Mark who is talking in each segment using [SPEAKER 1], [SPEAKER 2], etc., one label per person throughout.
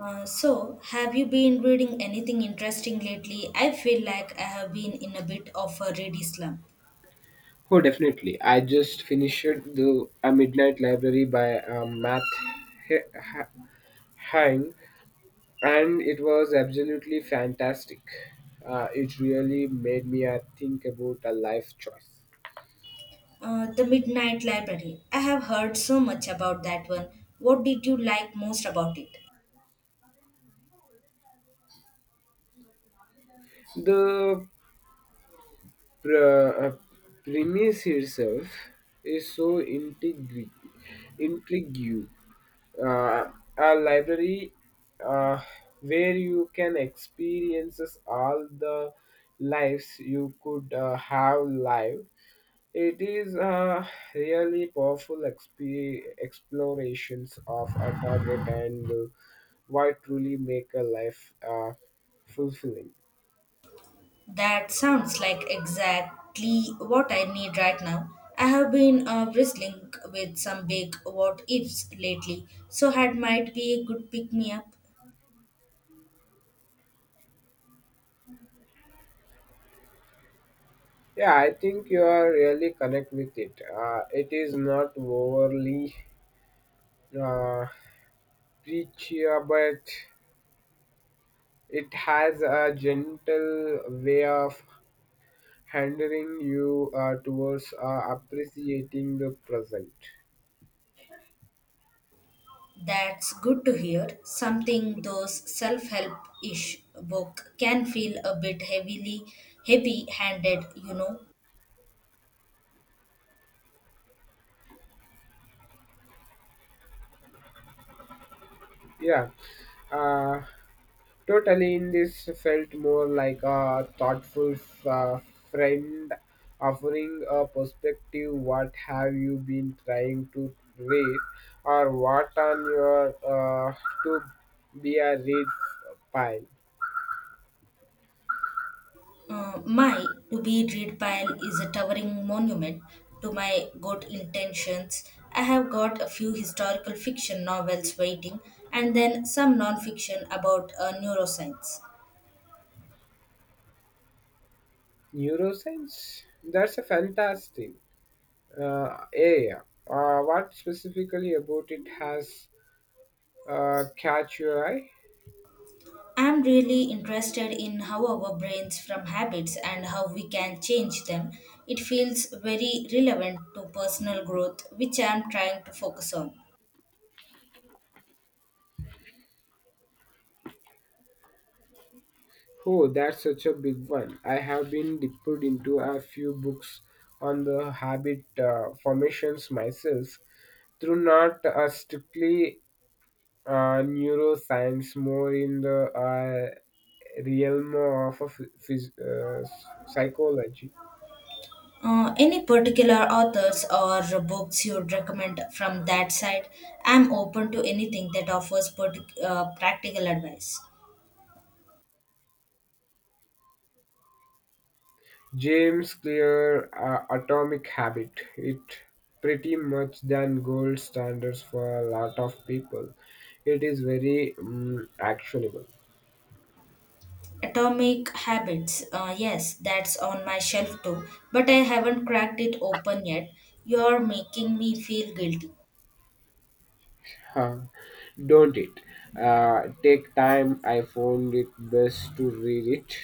[SPEAKER 1] Have you been reading anything interesting lately? I feel like I have been in a bit of a ready slump.
[SPEAKER 2] Oh, definitely. I just finished the A Midnight Library by Matt He- Ha- Hang, and it was absolutely fantastic. It really made me think about a life choice.
[SPEAKER 1] The Midnight Library. I have heard so much about that one. What did you like most about it?
[SPEAKER 2] The pr- uh, premise itself is so intriguing. Uh, a library, uh, where you can experience all the lives you could have lived. It is a really powerful explorations of a target and what truly make a life fulfilling.
[SPEAKER 1] That sounds like exactly what I need right now. I have been wrestling with some big what ifs lately, so had might be a good pick me up.
[SPEAKER 2] Yeah, I think you are really connect with it. It is not overly uh, preachy, but it has a gentle way of handling you towards appreciating the present.
[SPEAKER 1] That's good to hear. Something those self-help-ish book can feel a bit heavy-handed, you know.
[SPEAKER 2] Yeah. Uh, Totally, in this felt more like a thoughtful uh, friend offering a perspective. What have you been trying to read, or what on your uh, to be a read pile?
[SPEAKER 1] My to-be read pile is a towering monument to my good intentions. I have got a few historical fiction novels waiting, and then some non-fiction about neuroscience.
[SPEAKER 2] Neuroscience. That's a fantastic area. What specifically about it has catch your eye?
[SPEAKER 1] I'm really interested in how our brains form habits and how we can change them. It feels very relevant to personal growth, which I'm trying to focus on.
[SPEAKER 2] Oh, that's such a big one. I have been dipped into a few books on the habit formations myself, through not a strictly neuroscience, more in the realm of a psychology.
[SPEAKER 1] Any particular authors or books you'd recommend from that side? I'm open to anything that offers practical advice.
[SPEAKER 2] James Clear, Atomic Habit. It pretty much than gold standards for a lot of people. It is very actionable.
[SPEAKER 1] Atomic Habits, yes, that's on my shelf too, but I haven't cracked it open yet. You're making me feel guilty.
[SPEAKER 2] Huh, don't it? Take time. I found it best to read it,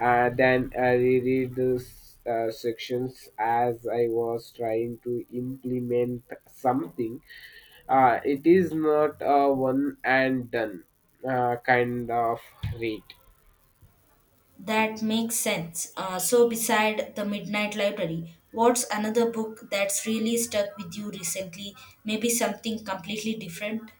[SPEAKER 2] then I reread the sections as I was trying to implement something. It is not a one and done kind of read.
[SPEAKER 1] That makes sense. Beside The Midnight Library, what's another book that's really stuck with you recently? Maybe something completely different?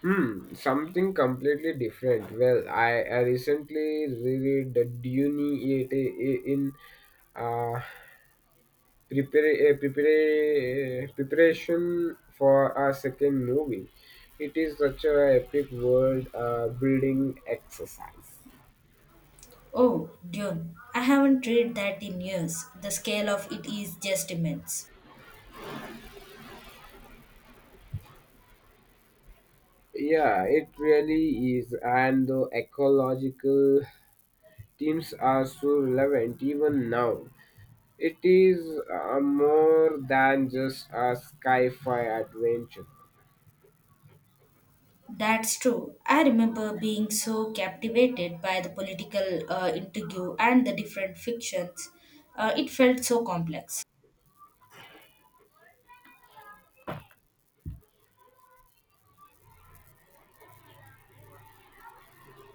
[SPEAKER 2] Hmm, something completely different. Well, I recently reread the Dune It in uh, preparation for our second movie. It is such a epic world building exercise.
[SPEAKER 1] Oh, Dune. I haven't read that in years. The scale of it is just immense.
[SPEAKER 2] Yeah, it really is, and the ecological themes are so relevant even now. It is more than just a sci-fi adventure.
[SPEAKER 1] That's true. I remember being so captivated by the political intrigue and the different fictions. It felt so complex.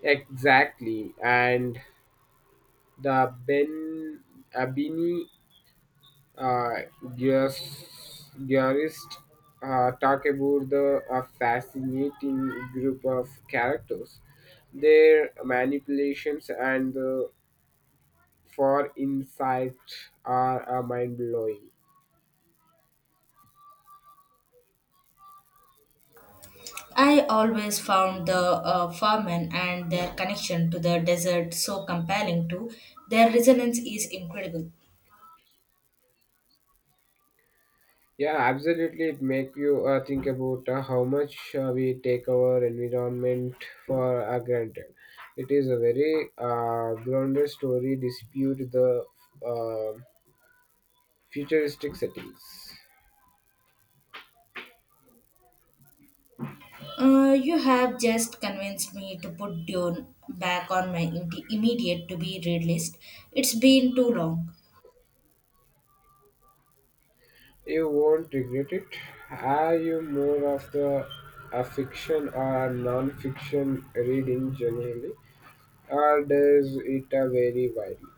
[SPEAKER 2] Exactly, and the Ben Abini uh, gearists talk about the fascinating group of characters, their manipulations and the for insight are mind blowing.
[SPEAKER 1] I always found the farmen and their connection to the desert so compelling too. Their resonance is incredible.
[SPEAKER 2] Yeah, absolutely. It make you think about how much we take our environment for granted. It is a very grounded story dispute the uh, futuristic settings.
[SPEAKER 1] You have just convinced me to put Dune back on my immediate to be read list. It's been too long.
[SPEAKER 2] You won't regret it. Are you more of the a fiction or non-fiction reading generally, or does it vary widely?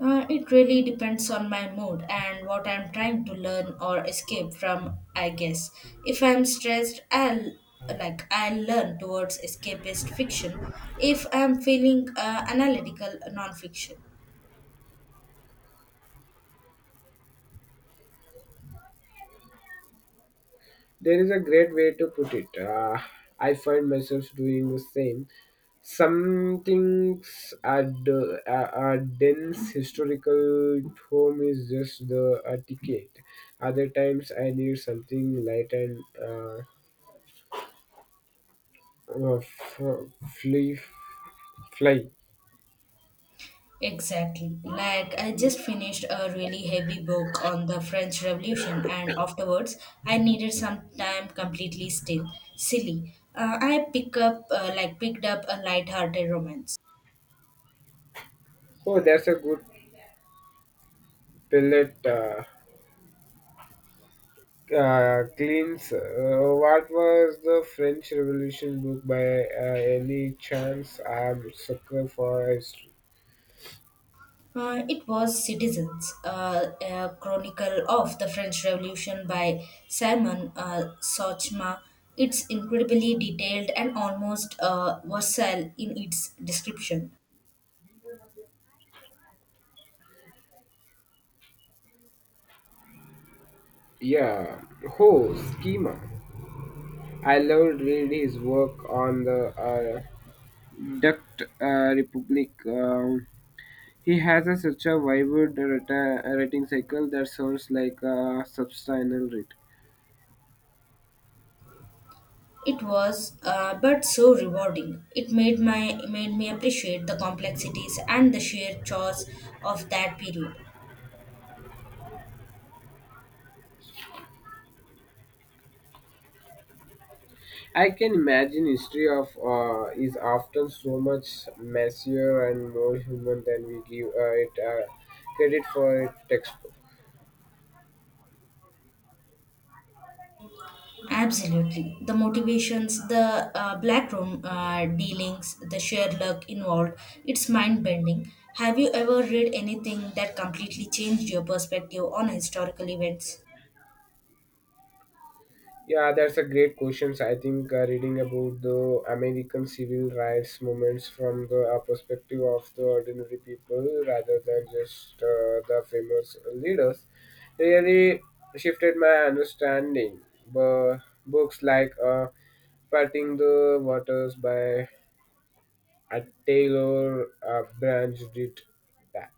[SPEAKER 1] It really depends on my mood and what I'm trying to learn or escape from, I guess. If I'm stressed, I'll learn towards escapist fiction. If I'm feeling analytical nonfiction.
[SPEAKER 2] There is a great way to put it. I find myself doing the same. Some things are are dense historical home is just the ticket. Other times I need something light and f- fluff fly.
[SPEAKER 1] Exactly. Like I just finished a really heavy book on the French Revolution, and afterwards I needed some time completely silly. I picked up a light-hearted romance.
[SPEAKER 2] Oh, that's a good pellet cleanse. What was the French Revolution book by any chance? I'm sucker for history.
[SPEAKER 1] It was Citizens, a chronicle of the French Revolution by Simon Sochma. It's incredibly detailed and almost versatile in its description.
[SPEAKER 2] Yeah, Ho Schema. I loved read his work on the uh, Duct Republic. He has a, such a vibrant writing cycle that sounds like a substantial read.
[SPEAKER 1] It was, but so rewarding. It made me appreciate the complexities and the sheer chores of that period.
[SPEAKER 2] I can imagine history of is often so much messier and more human than we give it credit for. It textbook.
[SPEAKER 1] Absolutely. The motivations, the black room dealings, the sheer luck involved, it's mind bending. Have you ever read anything that completely changed your perspective on historical events?
[SPEAKER 2] Yeah, that's a great question. So, I think reading about the American civil rights movements from the perspective of the ordinary people rather than just the famous leaders really shifted my understanding. But books like Parting the Waters by A tailor branched it that.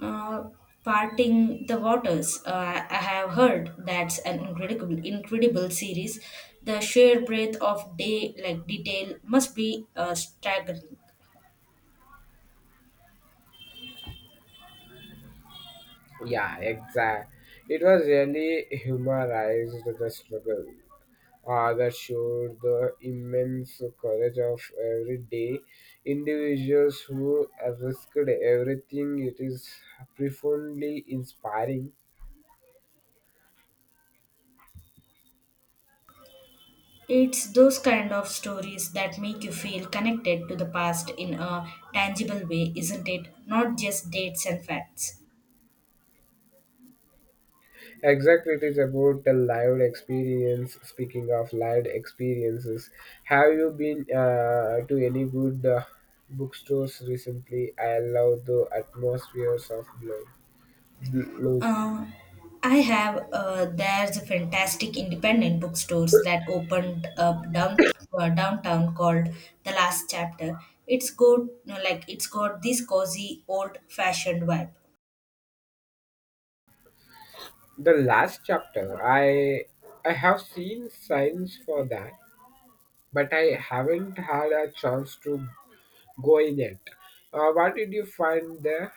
[SPEAKER 1] Uh, Parting the Waters. I have heard that's an incredible series. The sheer breadth of day, like detail, must be staggering.
[SPEAKER 2] Yeah, exact. It was really humorized the struggle. That showed the immense courage of everyday individuals who risked everything. It is profoundly inspiring.
[SPEAKER 1] It's those kind of stories that make you feel connected to the past in a tangible way, isn't it? Not just dates and facts.
[SPEAKER 2] Exactly, it is about the lived experience. Speaking of lived experiences, have you been to any good bookstores recently? I love the atmospheres of blues.
[SPEAKER 1] Uh, I have, there's a fantastic independent bookstores that opened up downtown called The Last Chapter. It's got, you know, like, it's got this cozy old fashioned vibe.
[SPEAKER 2] The last chapter, I have seen signs for that, but I haven't had a chance to go in yet. What did you find there?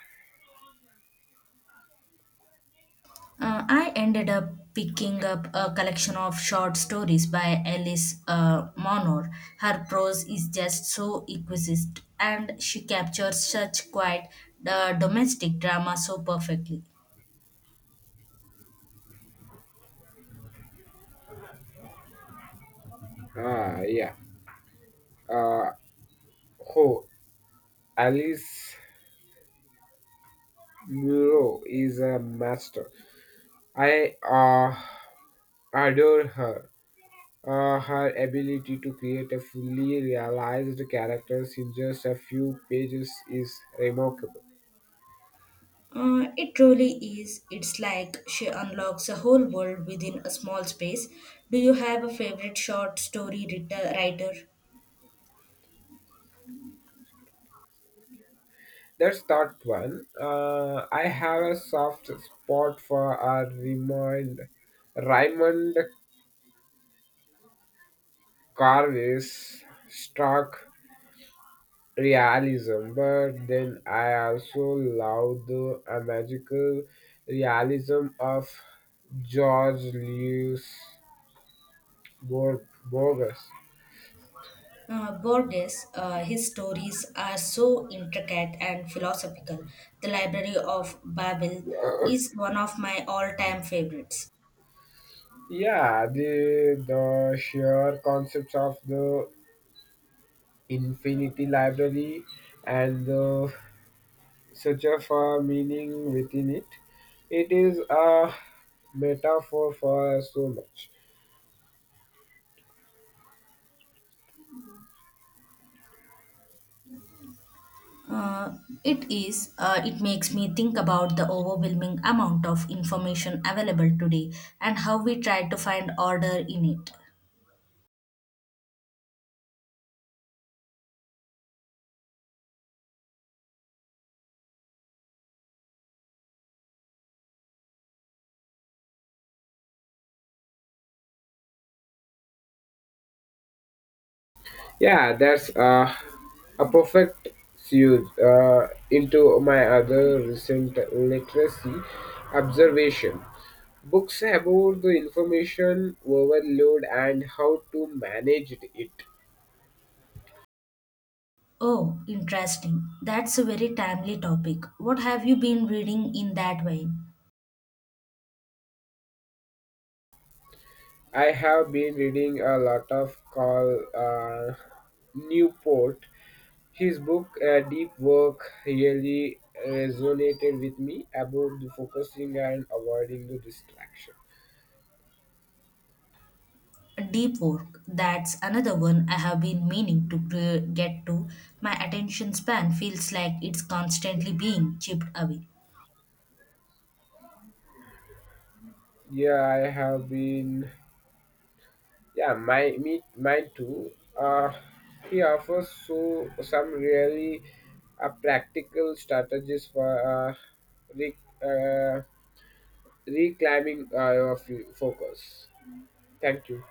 [SPEAKER 1] I ended up picking up a collection of short stories by Alice Monor. Her prose is just so exquisite, and she captures such quiet domestic drama so perfectly.
[SPEAKER 2] Ah, yeah. Uh, oh, Alice Muro is a master. I adore her. Her ability to create a fully realized character in just a few pages is remarkable.
[SPEAKER 1] It truly is. It's like she unlocks a whole world within a small space. Do you have a favorite short story writer?
[SPEAKER 2] That's thought one. I have a soft spot for Raymond Carver's stark realism, but then I also love the magical realism of George Lewis. Bogus.
[SPEAKER 1] Borges, his stories are so intricate and philosophical. The Library of Babel is one of my all-time favorites.
[SPEAKER 2] Yeah, the sheer concepts of the infinity library and the search for meaning within it. It is a metaphor for so much.
[SPEAKER 1] Uh, it is. It makes me think about the overwhelming amount of information available today and how we try to find order in it.
[SPEAKER 2] Yeah, that's a perfect segue into my other recent literacy observation. Books about the information overload and how to manage it.
[SPEAKER 1] Oh, interesting. That's a very timely topic. What have you been reading in that vein?
[SPEAKER 2] I have been reading a lot of Carl Newport. His book, Deep Work, really resonated with me about the focusing and avoiding the distraction.
[SPEAKER 1] Deep work, that's another one I have been meaning to get to. My attention span feels like it's constantly being chipped away.
[SPEAKER 2] Yeah, I have been Yeah, my me mine too. He offers so some really practical strategies for re, uh, reclaiming your focus. Thank you.